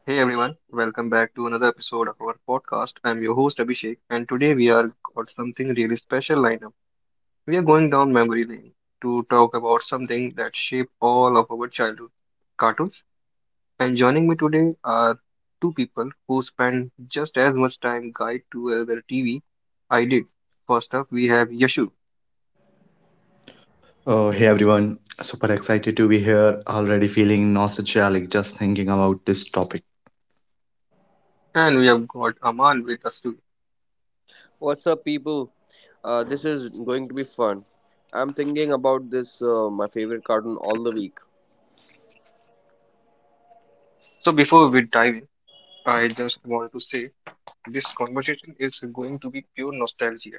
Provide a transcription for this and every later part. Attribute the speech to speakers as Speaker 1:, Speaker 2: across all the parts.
Speaker 1: Hey everyone, welcome back to another episode of our podcast. I'm your host Abhishek, and today we are got something really special lined up. We are going down memory lane to talk about something that shaped all of our childhood, cartoons. And joining me today are two people who spend just as much time guide to their TV I did. First up, we have Yashu,
Speaker 2: Oh, hey everyone, super excited to be here. Already feeling nostalgic just thinking about this topic.
Speaker 1: and we have got Aman with us too.
Speaker 3: What's up, people? This is going to be fun. I'm thinking about this my favorite cartoon all the week.
Speaker 1: So before we dive in, I just want to say this conversation is going to be pure nostalgia.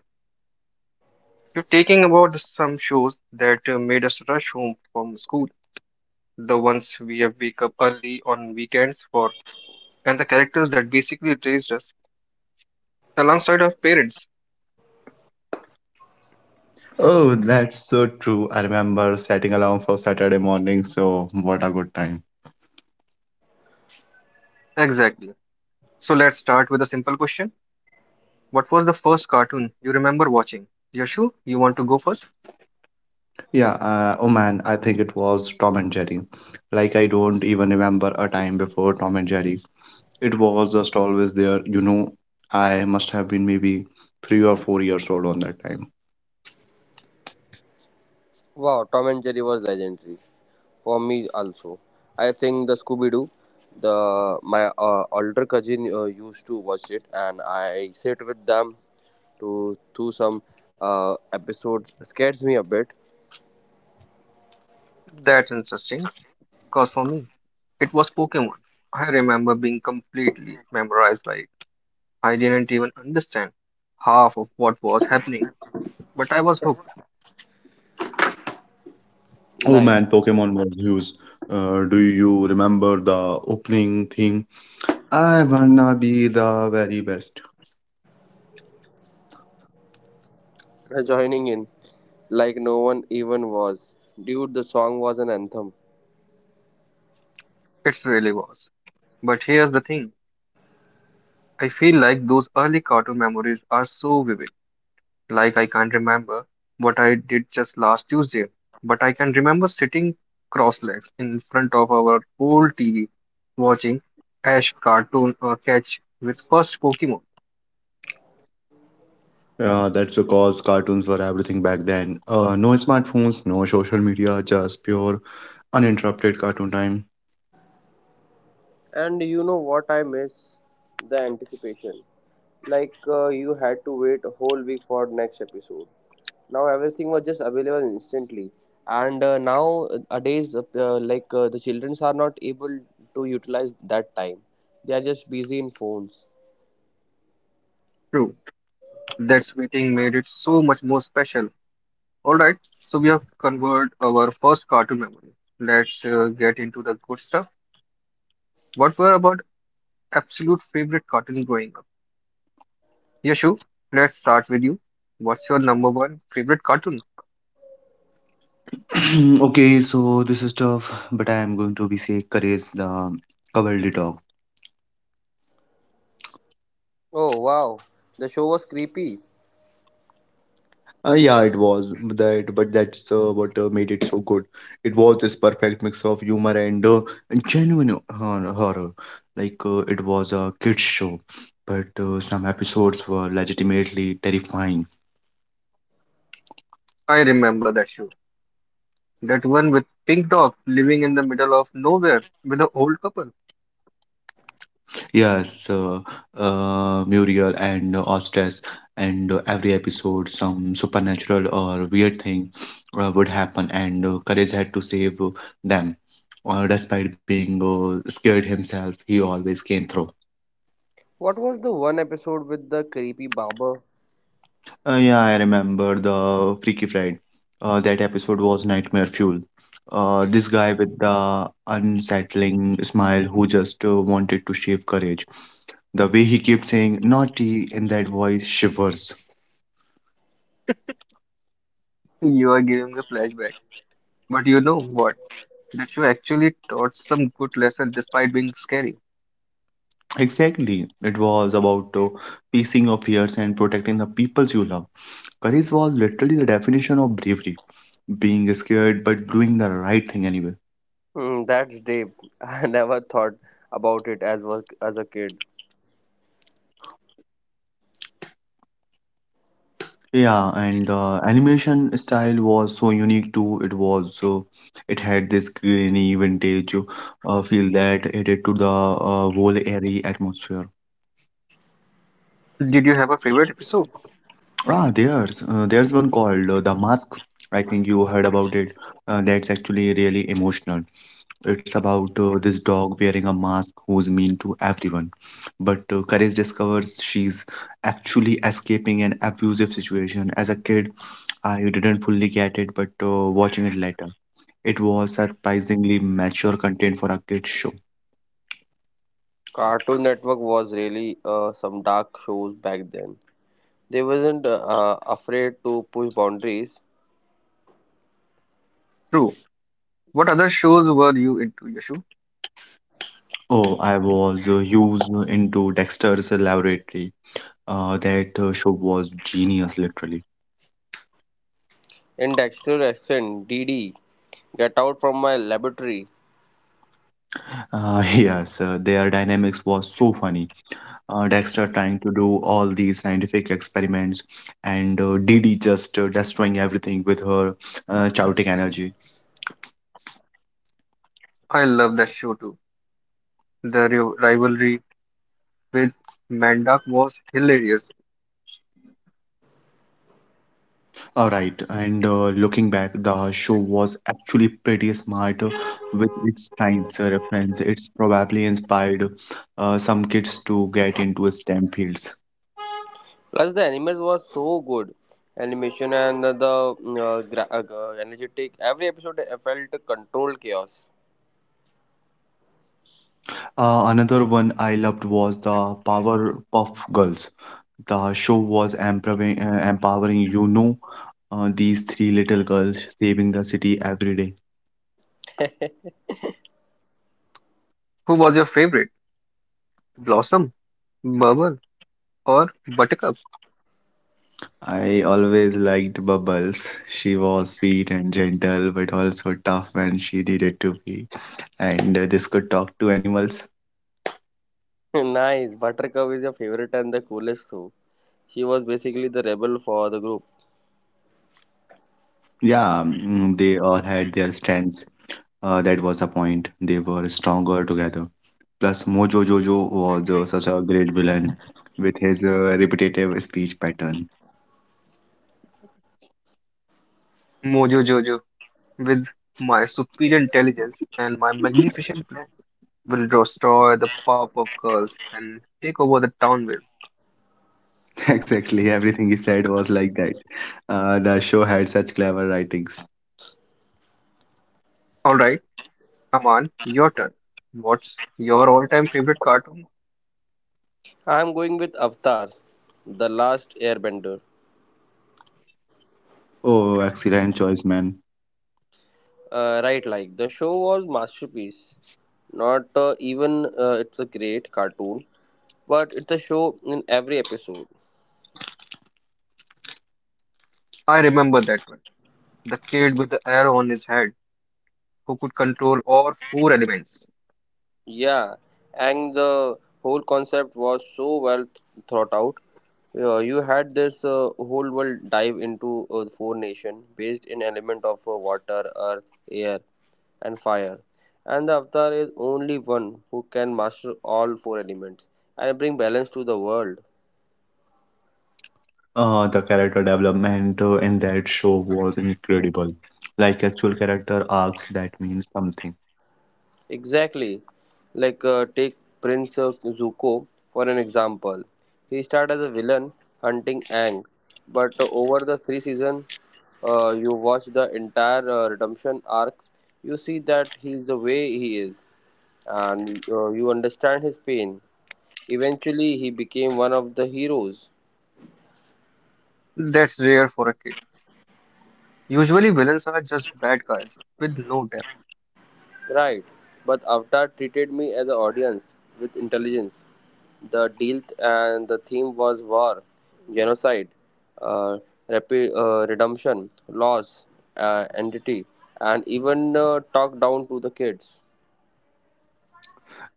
Speaker 1: You're taking about some shows that made us rush home from school, the ones we have wake up early on weekends for, and the characters that basically raised us alongside our parents.
Speaker 2: Oh, that's so true. I remember setting alarm for Saturday morning, so what a good time.
Speaker 1: Exactly. So let's start with a simple question. What was the first cartoon you remember watching? Yashu, you want to go first?
Speaker 2: Yeah, oh man, I think it was Tom and Jerry. Like, I don't even remember a time before Tom and Jerry. It was just always there. You know, I must have been maybe 3 or 4 years old on that time.
Speaker 3: Wow, Tom and Jerry was legendary for me also. I think the Scooby Doo, the my older cousin used to watch it, and I sit with them to do some episodes. Scares me a bit.
Speaker 1: That's interesting, because for me, it was Pokemon. I remember being completely memorized by it. I didn't even understand half of what was happening, but I was hooked.
Speaker 2: Oh
Speaker 3: Nice.
Speaker 2: man, Pokemon was huge. Do you remember the opening theme? I wanna be the very best.
Speaker 3: Joining in like no one even was. Dude, the song was an anthem.
Speaker 1: It really was. But here's the thing. I feel like those early cartoon memories are so vivid. Like I can't remember what I did just last Tuesday, but I can remember sitting cross-legs in front of our old TV watching Ash cartoon catch with first Pokemon.
Speaker 2: That's because cartoons were everything back then. No smartphones, no social media, just pure uninterrupted cartoon time.
Speaker 3: And you know what I miss? The anticipation. Like, you had to wait a whole week for next episode. Now everything was just available instantly. And now nowadays, like, the childrens are not able to utilize that time. They are just busy in phones.
Speaker 1: True. That's waiting made it so much more special. All right. So we have covered our first cartoon memory. Let's get into the good stuff. What were about absolute favorite cartoon growing up? Yashu, let's start with you. What's your number one favorite cartoon?
Speaker 2: Okay, so this is tough, but I am going to be say courage the cowardly dog.
Speaker 3: Oh wow, the show was creepy.
Speaker 2: Yeah, it was but that's what made it so good. It was this perfect mix of humor and genuine horror. It was a kids show, but some episodes were legitimately terrifying.
Speaker 1: I remember that show. That one with Pink Dog living in the middle of nowhere with an old couple.
Speaker 2: Yes, uh, Muriel and Ostress, and every episode, some supernatural or weird thing would happen, and Courage had to save them. Despite being scared himself, he always came through.
Speaker 3: What was the one episode with the creepy barber?
Speaker 2: Yeah, I remember the Freaky Fried. That episode was nightmare fuel. This guy with the unsettling smile who just wanted to shave courage. The way he kept saying naughty in that voice shivers.
Speaker 1: You are giving me flashbacks. But you know what? That show actually taught some good lesson despite being scary.
Speaker 2: Exactly. It was about facing your fears and protecting the peoples you love. Courage was literally the definition of bravery, being scared but doing the right thing anyway.
Speaker 3: Hmm, that's deep. I never thought about it as work as a kid.
Speaker 2: Yeah, and the animation style was so unique too. It had this grainy vintage feel that added to the whole airy atmosphere.
Speaker 1: Did you have a favorite episode?
Speaker 2: There's one called The Mask. I think you heard about it. That's actually really emotional. It's about this dog wearing a mask who's mean to everyone. But Courage discovers she's actually escaping an abusive situation. As a kid, I didn't fully get it, but watching it later, it was surprisingly mature content for a kid's show.
Speaker 3: Cartoon Network was really some dark shows back then. They wasn't afraid to push boundaries.
Speaker 1: True. What other shows were you into, Yashu?
Speaker 2: Oh, I was huge into Dexter's Laboratory. That show was genius, literally.
Speaker 3: In Dexter Accent, DD, Get Out from My Laboratory.
Speaker 2: Yes, their dynamics was so funny. Dexter trying to do all these scientific experiments, and Dee Dee just destroying everything with her chaotic energy.
Speaker 1: I love that show too. The rivalry with Mandak was hilarious.
Speaker 2: All right, and looking back, the show was actually pretty smart with its science reference. It's probably inspired some kids to get into STEM fields.
Speaker 3: Plus, the animals was so good. Animation and the energetic. Every episode I felt controlled chaos.
Speaker 2: Another one I loved was the Powerpuff Girls. The show was empowering, you know, these three little girls saving the city every day.
Speaker 1: Who was your favorite? Blossom, Bubble, or Buttercup?
Speaker 2: I always liked Bubbles. She was sweet and gentle, but also tough when she needed to be. And this could talk to animals.
Speaker 3: Nice. Buttercup is your favorite and the coolest too. She was basically the rebel for the group.
Speaker 2: Yeah, they all had their strengths. That was the point. They were stronger together. Plus, Mojo Jojo was such a great villain with his repetitive speech pattern.
Speaker 1: Mojo Jojo, with my superior intelligence and my magnificent plan, will destroy the pop of girls and take over the town with.
Speaker 2: Exactly, everything he said was like that. The show had such clever writings.
Speaker 1: Alright, Aman, your turn. What's your all time favorite cartoon?
Speaker 3: I'm going with Avatar, the last airbender.
Speaker 2: Oh, excellent choice, man.
Speaker 3: Right, the show was masterpiece. Not even, it's a great cartoon, but it's a show in every episode.
Speaker 1: I remember that one. The kid with the arrow on his head who could control all four elements.
Speaker 3: Yeah, and the whole concept was so well thought out. Yeah, you had this whole world dive into four nation based in element of water, earth, air, and fire. And the avatar is only one who can master all four elements and bring balance to the world.
Speaker 2: The character development in that show was incredible. Like actual character arcs that means something.
Speaker 3: Exactly. Like, take Prince Zuko for an example. He started as a villain hunting Aang, but over the three season, you watch the entire redemption arc, you see that he is the way he is, and you understand his pain. Eventually, he became one of the heroes.
Speaker 1: That's rare for a kid. Usually, villains are just bad guys with no depth.
Speaker 3: Right. But Avatar treated me as an audience with intelligence. The deal th- and the theme was war, genocide, uh, redemption, loss, entity, and even talk down to the kids.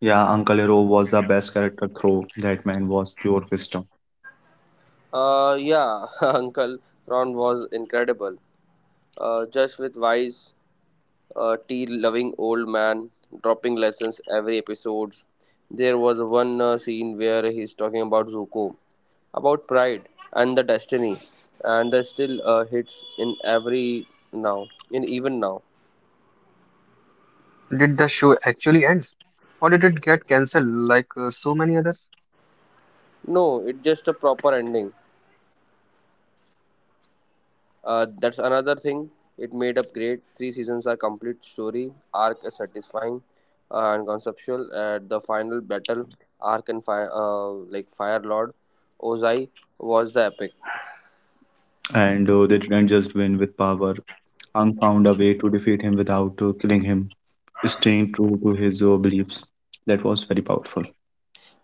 Speaker 2: Yeah, Uncle Hero was the best character through. That man was pure wisdom.
Speaker 3: Yeah, Uncle Ron was incredible. Just with wise, tea-loving old man dropping lessons every episode. There was one scene where he's talking about Zuko about pride and the destiny and the still hits in every now in even now.
Speaker 1: Did the show actually end? Or did it get cancelled like so many others?
Speaker 3: No, it's just a proper ending. That's another thing. It made up great three seasons are complete story arc is satisfying, and conceptual at the final battle arc and fire lord Ozai was the epic.
Speaker 2: And they didn't just win with power. Ang found a way to defeat him without killing him, staying true to his beliefs. That was very powerful.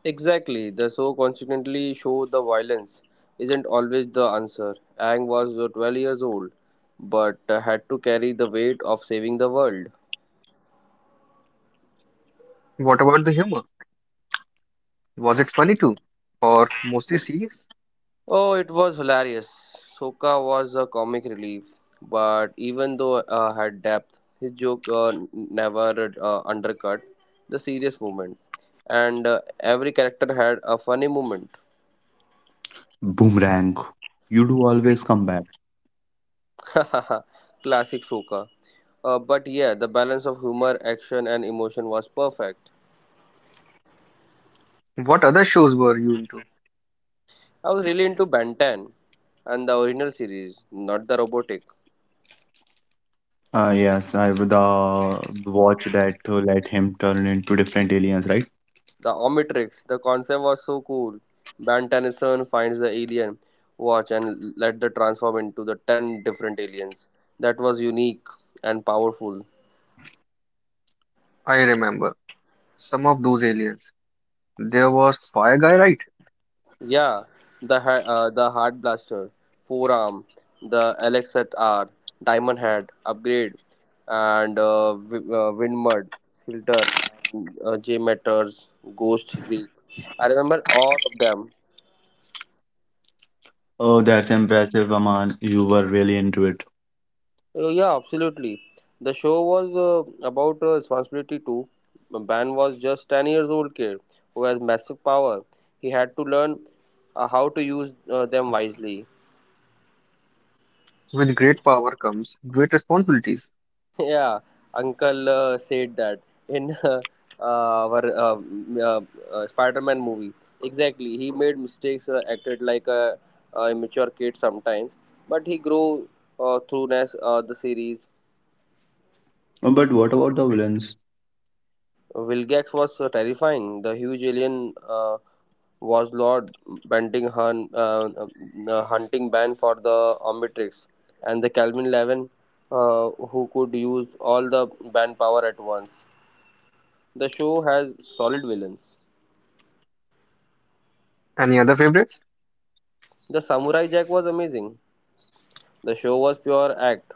Speaker 3: Exactly, the show consequently show the violence isn't always the answer. Ang was 12 years old, but had to carry the weight of saving the world.
Speaker 1: What about the humor? Was it funny too? Or mostly serious?
Speaker 3: Oh, it was hilarious. Sokka was a comic relief, but even though had depth, his joke never undercut the serious moment, and every character had a funny moment.
Speaker 2: Boomerang, you do always come back.
Speaker 3: Classic Sokka. But yeah, the balance of humor, action, and emotion was perfect.
Speaker 1: What other shows were you into?
Speaker 3: I was really into Bantan and the original series, not the robotic.
Speaker 2: Yes, I would watch that let him turn into different aliens, right?
Speaker 3: The Omnitrix, the concept was so cool. Bantan's son finds the alien watch and let the transform into the 10 different aliens. That was unique and powerful.
Speaker 1: I remember some of those aliens. There was Fire Guy, right?
Speaker 3: Yeah, the Heart Blaster, Forearm, the LXR, Diamond Head, Upgrade, and Windmud, Filter, J Matters, Ghost Freak. I remember all of them.
Speaker 2: Oh, that's impressive, Aman. You were really into it.
Speaker 3: Yeah, absolutely. The show was about responsibility too. Ban was just 10 years old kid who has massive power. He had to learn how to use them wisely.
Speaker 1: With great power comes great responsibilities.
Speaker 3: Yeah, Uncle said that in our Spider-Man movie. Exactly, he made mistakes, acted like a immature kid sometimes, but he grew through the series.
Speaker 2: But what about the villains?
Speaker 3: Wilgax was terrifying. The huge alien. Was Lord Bantingham hunting ban for the Omnitrix and the Calvin Levin, who could use all the ban power at once. The show has solid villains.
Speaker 1: Any other favorites?
Speaker 3: The Samurai Jack was amazing. The show was pure act,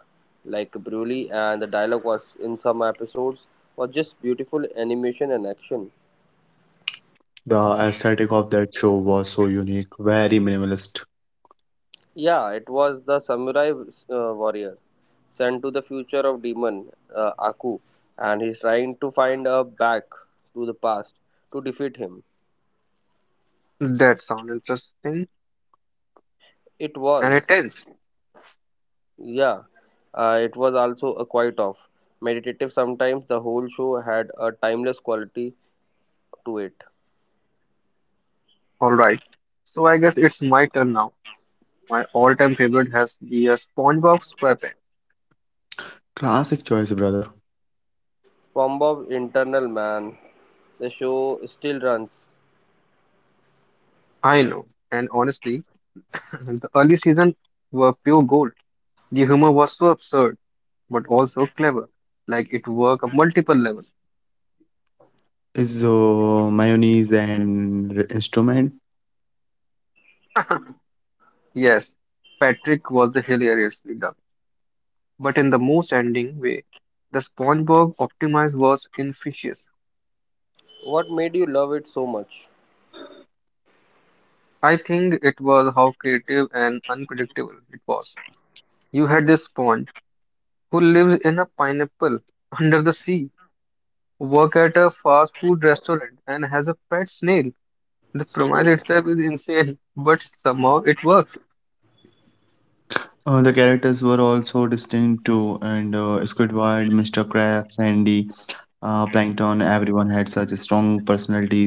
Speaker 3: like Broly, and the dialogue was in some episodes was just beautiful animation and action.
Speaker 2: The aesthetic of that show was so unique, very minimalist.
Speaker 3: Yeah, it was the samurai warrior sent to the future of demon Aku, and he's trying to find a back to the past to defeat him.
Speaker 1: That sounds interesting
Speaker 3: It
Speaker 1: and
Speaker 3: was,
Speaker 1: intense.
Speaker 3: yeah, it was also a quite off meditative. Sometimes the whole show had a timeless quality to it.
Speaker 1: Alright, so I guess it's my turn now. My all time favorite has to be a SpongeBob SquarePants.
Speaker 2: Classic choice, brother.
Speaker 3: From Bob's internal man, the show still runs.
Speaker 1: I know, and honestly, the early season were pure gold. The humor was so absurd, but also clever. Like it worked on multiple levels.
Speaker 2: Is mayonnaise and instrument.
Speaker 1: Yes, Patrick was hilariously dumb, but in the most ending way. The SpongeBob Optimize was infectious.
Speaker 3: What made you love it so much?
Speaker 1: I think it was how creative and unpredictable it was. You had this sponge who lives in a pineapple under the sea, work at a fast food restaurant, and has a pet snail. The premise itself is insane, but somehow it works.
Speaker 2: The characters were also distinct too, and Squidward, Mr. Krabs, Sandy, Plankton, everyone had such strong personalities.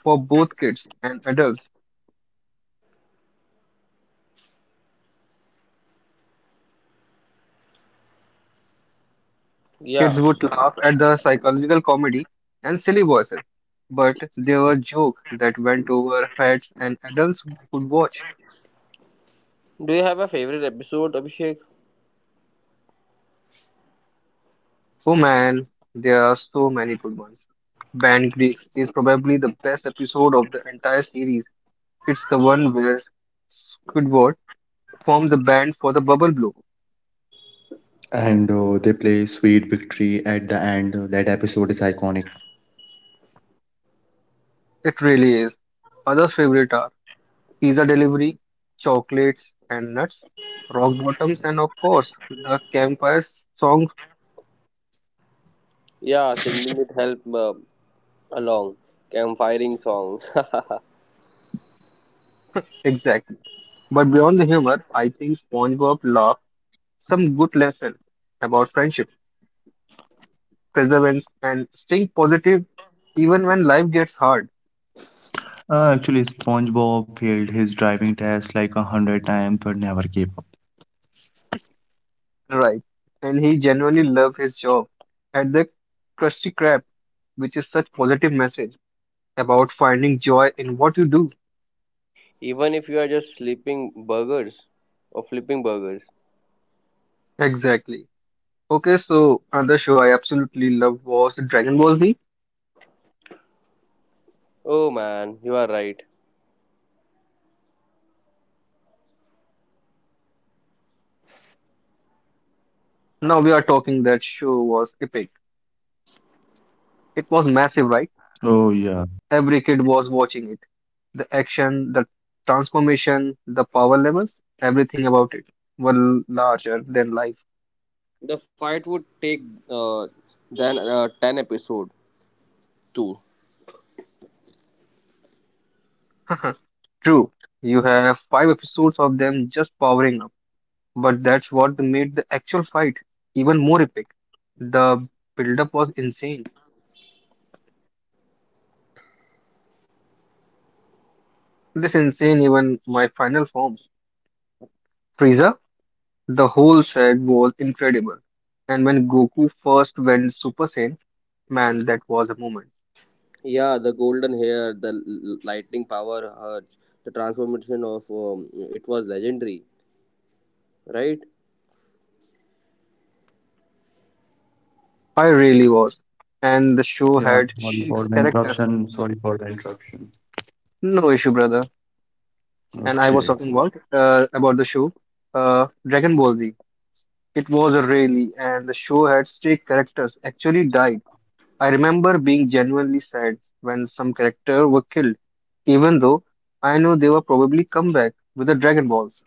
Speaker 1: For both kids and adults. Kids
Speaker 3: Yeah.
Speaker 1: would laugh at the psychological comedy and silly voices, but there were jokes that went over heads and adults could watch.
Speaker 3: Do you have a favorite episode, Abhishek?
Speaker 1: Oh man, there are so many good ones. Band Greeks is probably the best episode of the entire series. It's the one where Squidward forms a band for the Bubble Blow.
Speaker 2: And they play Sweet Victory at the end. That episode is iconic.
Speaker 1: It really is. Others' favorites are pizza delivery, chocolates and nuts, rock bottoms, and of course, the campfire song
Speaker 3: Yeah, singing it helped along campfiring song.
Speaker 1: exactly. But beyond the humor, I think SpongeBob left some good lesson about friendship, perseverance, and staying positive even when life gets hard.
Speaker 2: Actually, SpongeBob failed his driving test like a hundred times but never gave up.
Speaker 1: Right. And he genuinely loved his job at the Krusty Krab, which is such positive message about finding joy in what you do.
Speaker 3: Even if you are just sleeping burgers or flipping burgers.
Speaker 1: Exactly. Okay, so another show I absolutely loved was Dragon Ball Z.
Speaker 3: Oh
Speaker 2: Oh, yeah.
Speaker 3: man, you are right.
Speaker 2: Yeah, now we are talking that show was epic.
Speaker 1: Now we are talking that show was epic.
Speaker 2: Yeah, yeah,
Speaker 1: It was massive, right?
Speaker 2: yes, massive.
Speaker 1: Every kid was watching it. The action, the transformation, the power levels, everything about it were larger than life.
Speaker 3: The fight would take uh, then 10 episode too.
Speaker 1: True, you have five episodes of them just powering up, but that's what made the actual fight even more epic. The build-up was insane. This insane even my final form. Frieza. The whole set was incredible. And when Goku first went Super Saiyan, man, that was a moment.
Speaker 3: Yeah, the golden hair, the lightning power urge, the transformation of it was legendary, right?
Speaker 1: I really was. And the show
Speaker 2: Yeah,
Speaker 1: had
Speaker 2: sorry for
Speaker 1: six
Speaker 2: the
Speaker 1: characters.
Speaker 2: interruption.
Speaker 1: No issue, brother. And I was
Speaker 2: Okay.
Speaker 1: talking about the show, Dragon Ball Z. It was a really, and the show had six characters actually died. I remember being genuinely sad when some character were killed, even though I know they were probably come back with the Dragon Balls.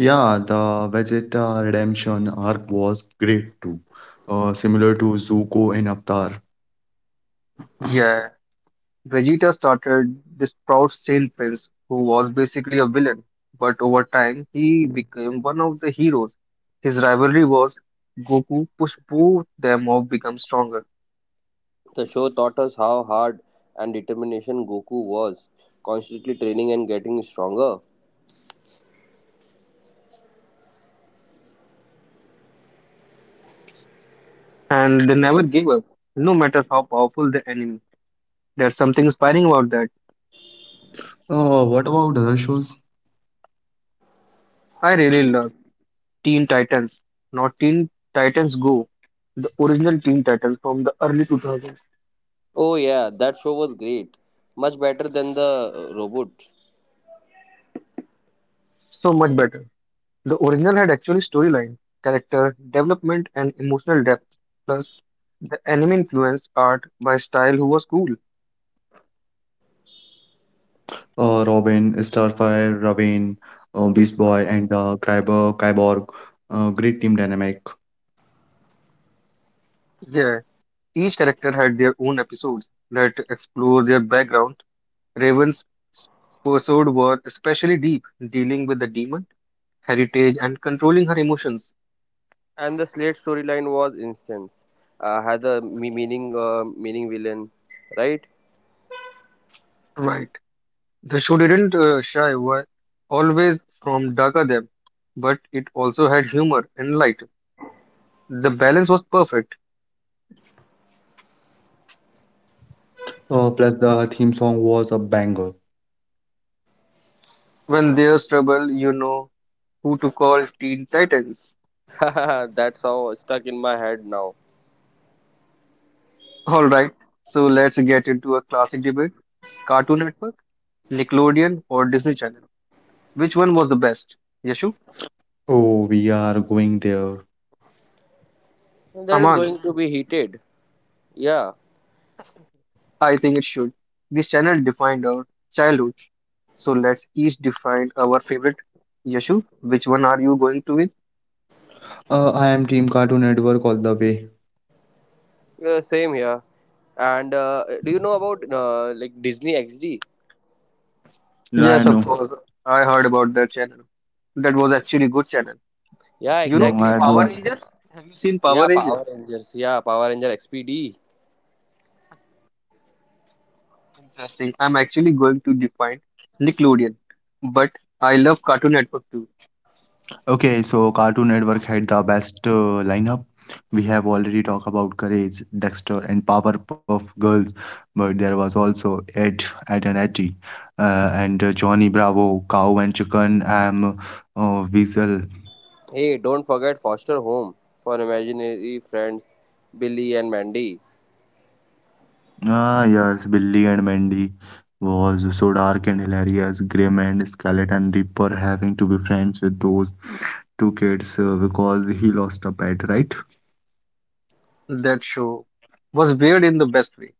Speaker 2: Yeah, the Vegeta Redemption arc was great too. Similar to Zuko and Avatar.
Speaker 1: Yeah, Vegeta started this proud saint prince who was basically a villain, but over time he became one of the heroes. His rivalry was Goku pushed both them off become stronger,
Speaker 3: The show taught us how hard and determination Goku was constantly training and getting stronger.
Speaker 1: and they never gave up, no matter how powerful the enemy. There's something inspiring about that.
Speaker 2: What about other shows?
Speaker 1: I really love Teen Titans, not Teen Titans Go, the original Teen Titans from the early 2000s.
Speaker 3: Oh yeah, that show was great, much better than the robot.
Speaker 1: So much better. The original had actually storyline, character development, and emotional depth. Plus, the anime influenced art by style who was cool.
Speaker 2: Robin, Starfire, Raven, Beast Boy, and Kyber, Kyborg. Great team dynamic.
Speaker 1: Yeah, each character had their own episodes that explore their background. Raven's pursuit were especially deep, dealing with the demon, heritage, and controlling her emotions.
Speaker 3: And the Slate storyline was instance, had a me- meaning meaning villain, right?
Speaker 1: Right. The show didn't shy away always from darker them, but it also had humor and light. The balance was perfect.
Speaker 2: Plus the theme song was a banger.
Speaker 1: When there's trouble, you know who to call Teen Titans.
Speaker 3: That's how stuck in my head now.
Speaker 1: Alright, so let's get into a classic debate Cartoon Network, Nickelodeon, or Disney Channel. Which one was the best? Yashu?
Speaker 2: Oh, we are going there.
Speaker 3: That is
Speaker 1: Aman,
Speaker 3: going to be heated. Yeah,
Speaker 1: I think it should. This channel defined our childhood. So let's each define our favorite. Yashu, which one are you going to with?
Speaker 2: I am Team Cartoon Network all the way.
Speaker 3: yeah, same here. And do you know about like Disney XD?
Speaker 2: Yeah,
Speaker 1: Yes,
Speaker 2: I
Speaker 1: of
Speaker 2: know.
Speaker 1: course. I heard about that channel. That was actually good channel.
Speaker 3: Yeah,
Speaker 1: You know
Speaker 2: No,
Speaker 3: exactly
Speaker 2: I
Speaker 1: Power
Speaker 2: don't.
Speaker 3: because
Speaker 1: Rangers? Have you seen Power
Speaker 3: yeah,
Speaker 1: Rangers?
Speaker 3: Power Rangers. Yeah, Power Ranger XPD.
Speaker 1: Interesting. I'm actually going to define Nickelodeon, but I love Cartoon Network too.
Speaker 2: Okay, so Cartoon Network had the best lineup. We have already talked about Courage, Dexter, and Powerpuff Girls, but there was also Ed, Ed and Eddy, and Johnny Bravo, Cow and Chicken, Am, Weasel.
Speaker 3: Hey, don't forget Foster Home for imaginary friends Billy and Mandy.
Speaker 2: Ah, yes, Billy and Mandy was so dark and hilarious. Grim and Skeleton Reaper having to be friends with those two kids because he lost a pet, right?
Speaker 1: That show was weird in the best way.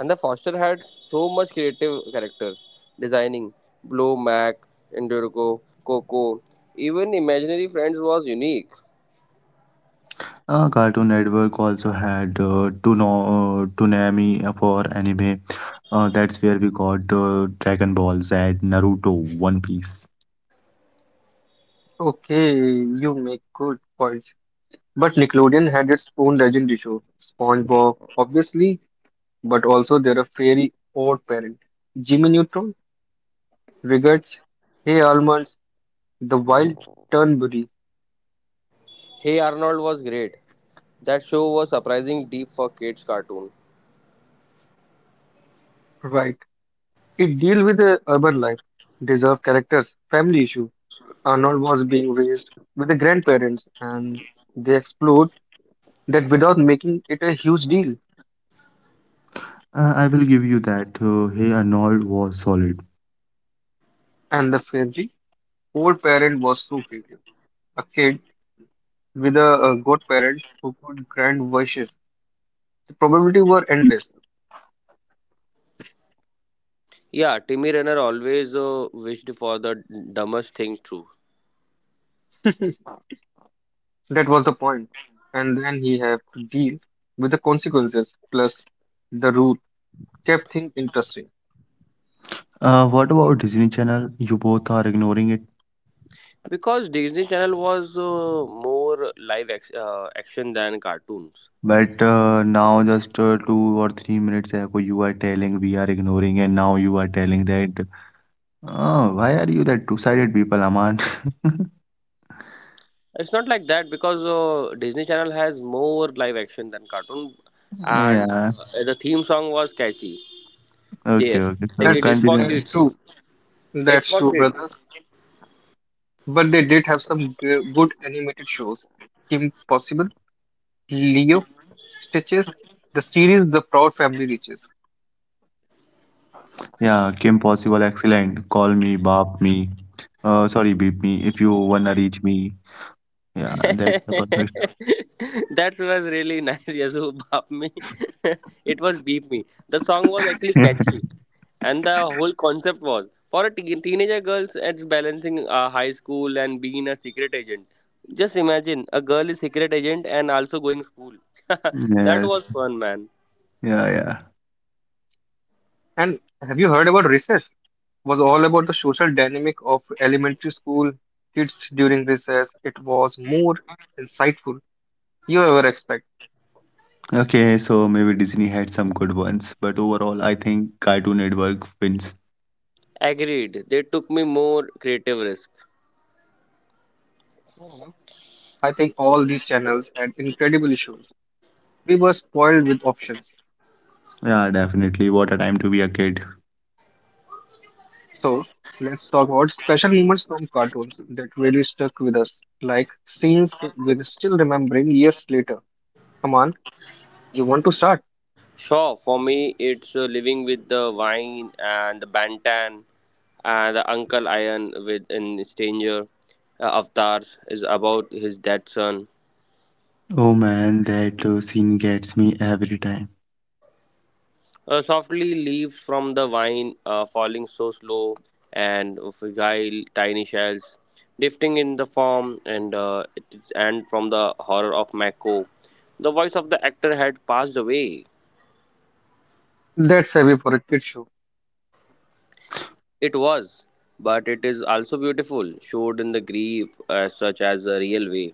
Speaker 3: And the Foster had so much creative character, designing Blue Mac, Endurico, Coco, even Imaginary Friends was unique.
Speaker 2: Cartoon Network also had Toonami for anime. That's where we got Dragon Ball Z, Naruto, One Piece.
Speaker 1: Okay, you make good points. But Nickelodeon had its own legendary show, SpongeBob, obviously, but also there are Fairy Odd Parent, Jimmy Neutron, Rugrats, Hey Almonds, The Wild Turnberry.
Speaker 3: Hey Arnold was great. That show was surprising deep for kids' cartoon.
Speaker 1: Right. It deal with the urban life, deserved characters, family issue, Arnold was being raised with the grandparents, and they explored that without making it a huge deal.
Speaker 2: I will give you that. Hey Arnold was solid.
Speaker 1: And the fairy old parent was so creative. A kid with a, godparent who could grant wishes. The probability were endless.
Speaker 3: Yeah, Timmy Renner always wished for the dumbest thing, true.
Speaker 1: That was the point. And then he had to deal with the consequences plus the rule kept things interesting.
Speaker 2: What about Disney Channel? You both are ignoring it.
Speaker 3: Because Disney Channel was more live action than cartoons.
Speaker 2: But now, just 2 or 3 minutes ago, you are telling we are ignoring, and now you are telling that. Oh, why are you that two-sided people, Aman?
Speaker 3: It's not like that because Disney Channel has more live action than cartoon, and
Speaker 2: Yeah.
Speaker 3: the theme song was catchy. There,
Speaker 2: Okay.
Speaker 3: like it
Speaker 1: That's
Speaker 3: is
Speaker 2: So
Speaker 3: for
Speaker 1: that's
Speaker 3: kids.
Speaker 1: true.
Speaker 2: continue.
Speaker 3: It's
Speaker 1: That's
Speaker 3: for
Speaker 1: true,
Speaker 3: kids.
Speaker 1: brothers. But they did have some good animated shows. Kim Possible Leo Stitches, the series The Proud Family Reaches.
Speaker 2: Yeah, Kim Possible, excellent. Call me, bop me. Sorry, beep me if you wanna reach me. Yeah, that's the perfect.
Speaker 3: That was really nice. Yes, who bop me. It was beep me. The song was actually catchy, and the whole concept was for a teenager girls. It's balancing high school and being a secret agent. Just imagine a girl is secret agent and also going school. That was fun,
Speaker 2: Yes,
Speaker 3: man.
Speaker 2: yeah,
Speaker 1: And have you heard about recess? Was all about the social dynamic of elementary school kids during recess. It was more insightful you ever expect.
Speaker 2: yeah. Okay, so maybe Disney had some good ones, but overall, I think Cartoon Network wins.
Speaker 3: Agreed. They took me more creative risk.
Speaker 1: I don't know. I think all these channels had incredible issues. We were spoiled with options.
Speaker 2: Yeah, definitely. What a time to be a kid.
Speaker 1: So let's talk about special moments from cartoons that really stuck with us, like scenes we're still remembering years later. Come on, you want to start?
Speaker 3: Sure, for me, it's living with the wine and the Bantan and the Uncle Iron with in Stranger Avatars is about his dead son.
Speaker 2: Oh man, that scene gets me every time.
Speaker 3: Softly leaves from the vine, falling so slow and fragile, tiny shells, drifting in the form and it is and from the horror of Mako. The voice of the actor had passed away.
Speaker 1: That's heavy for a kid show.
Speaker 3: It was, but it is also beautiful, showed in the grief as such as a real way.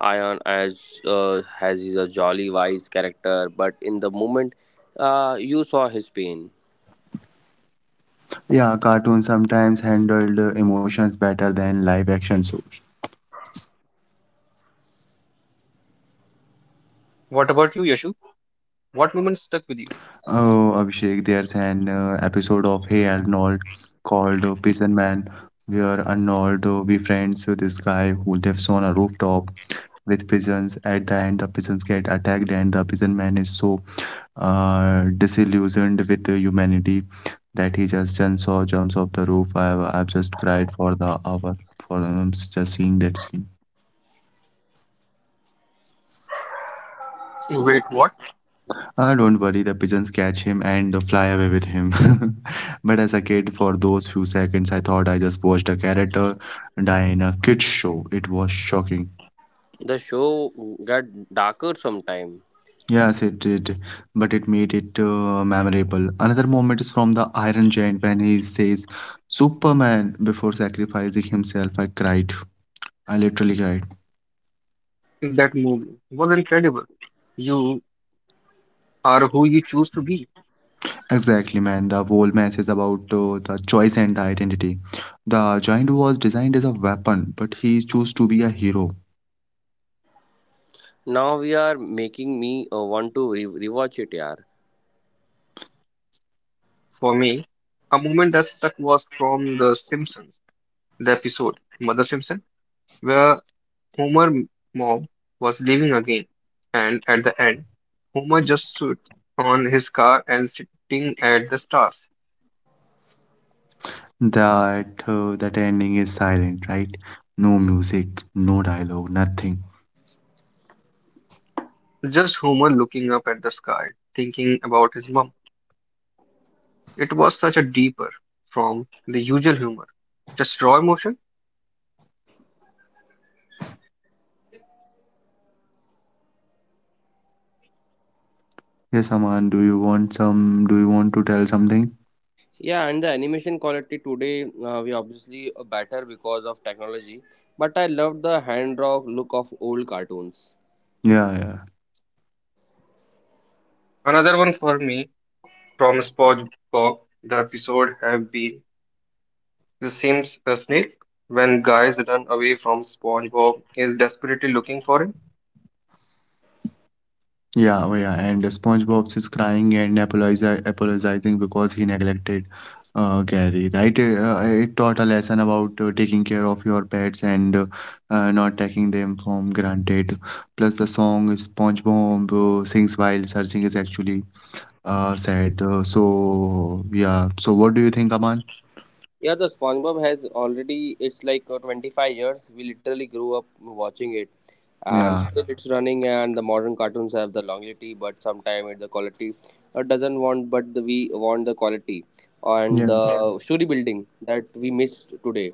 Speaker 3: Ion as has is a jolly wise character, but in the moment, you saw his pain.
Speaker 2: Yeah, cartoons sometimes handled emotions better than live action shows.
Speaker 1: What about you, Yashu? What moment stuck with you?
Speaker 2: Oh, Abhishek, there's an episode of Hey Arnold called Prison Man, where Arnold befriends this guy who lives on a rooftop with pigeons. At the end, the pigeons get attacked, and the prison man is so disillusioned with the humanity that he just jumps off the roof. I've just cried for the hour for just seeing that scene.
Speaker 1: Wait, what?
Speaker 2: Ah, don't worry, the pigeons catch him and fly away with him. But as a kid, for those few seconds, I thought I just watched a character die in a kid's show. It was shocking.
Speaker 3: The show got darker sometime.
Speaker 2: Yes, it did, but it made it memorable. Another moment is from the Iron Giant when he says, Superman, before sacrificing himself. I cried. I literally cried.
Speaker 1: That movie was incredible. You are who you choose to be.
Speaker 2: Exactly, man. The whole match is about the choice and the identity. The giant was designed as a weapon, but he chose to be a hero.
Speaker 3: Now we are making me want to rewatch it, yaar.
Speaker 1: For me, a moment that stuck was from The Simpsons, the episode Mother Simpson, where Homer's mom was leaving again. And at the end, Homer just stood on his car and sitting at the stars.
Speaker 2: That ending is silent, right? No music, no dialogue, nothing.
Speaker 1: Just Homer looking up at the sky, thinking about his mom. It was such a deeper from the usual humor. Just raw emotion.
Speaker 2: Yes, Aman, do you want some? Do you want to tell something?
Speaker 3: Yeah, and the animation quality today we obviously better because of technology, but I loved the hand drawn look of old cartoons.
Speaker 2: Yeah, yeah,
Speaker 1: Another one for me from SpongeBob. The episode have been the same snail when guys run away from SpongeBob is desperately looking for him.
Speaker 2: yeah. Oh, yeah. And SpongeBob is crying and apologizing because he neglected Gary, right? It taught a lesson about taking care of your pets and not taking them from granted. Plus, the song SpongeBob sings while searching is actually said. So yeah. So what do you think, Aman?
Speaker 3: Yeah, the SpongeBob has already it's like 25 years. We literally grew up watching it, and still
Speaker 2: Yeah.
Speaker 3: it's running. And the modern cartoons have the longevity, but sometimes the quality doesn't want. But the, we want the quality and
Speaker 2: Yes.
Speaker 3: the story building that we missed today.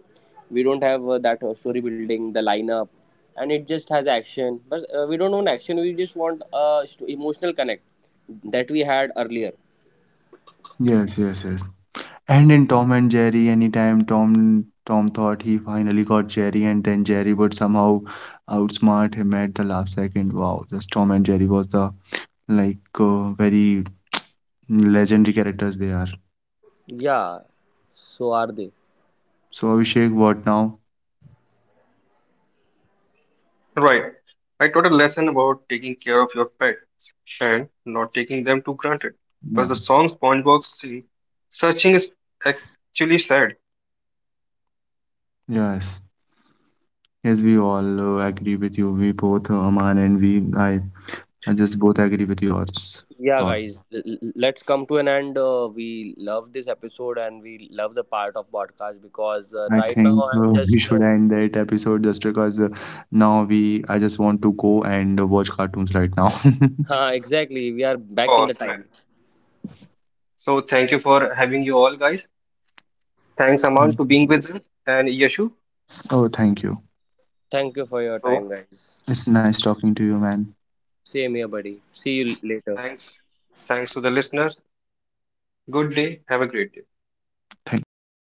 Speaker 3: We don't have that story building, the lineup, and it just has action. But we don't want action. We just want emotional connect that we had earlier.
Speaker 2: Yes. And in Tom and Jerry, anytime Tom thought he finally got Jerry, and then Jerry would somehow outsmart him at the last second. Wow, just Tom and Jerry was the very legendary characters they are.
Speaker 3: Yeah, so are they.
Speaker 2: So Abhishek, what now?
Speaker 1: Right. I taught a lesson about taking care of your pets and not taking them to granted. Because the song
Speaker 2: Yeah.
Speaker 1: SpongeBob sings, searching is actually sad.
Speaker 2: Yes. Yes, we all agree with you. We both, Aman and we, I just both agree with your
Speaker 3: Yeah,
Speaker 2: thought.
Speaker 3: guys, let's come to an end. We love this episode and we love the part of podcast because right
Speaker 2: I
Speaker 3: now I'm
Speaker 2: think
Speaker 3: just
Speaker 2: we should end that episode just because now we I just want to go and watch cartoons right now.
Speaker 3: exactly we are back in
Speaker 1: Boss
Speaker 3: the
Speaker 1: man.
Speaker 3: time.
Speaker 1: So thank you for having you all, guys. Thanks, Aman, to being
Speaker 2: Mm.
Speaker 1: with us and Yashu.
Speaker 2: Oh, thank you.
Speaker 3: Thank you for your
Speaker 1: So
Speaker 3: time, guys.
Speaker 2: It's nice talking to you, man.
Speaker 3: Same here, buddy. See you later.
Speaker 1: thanks, thanks to the listeners. Good day. Have a great day.
Speaker 2: Thank you.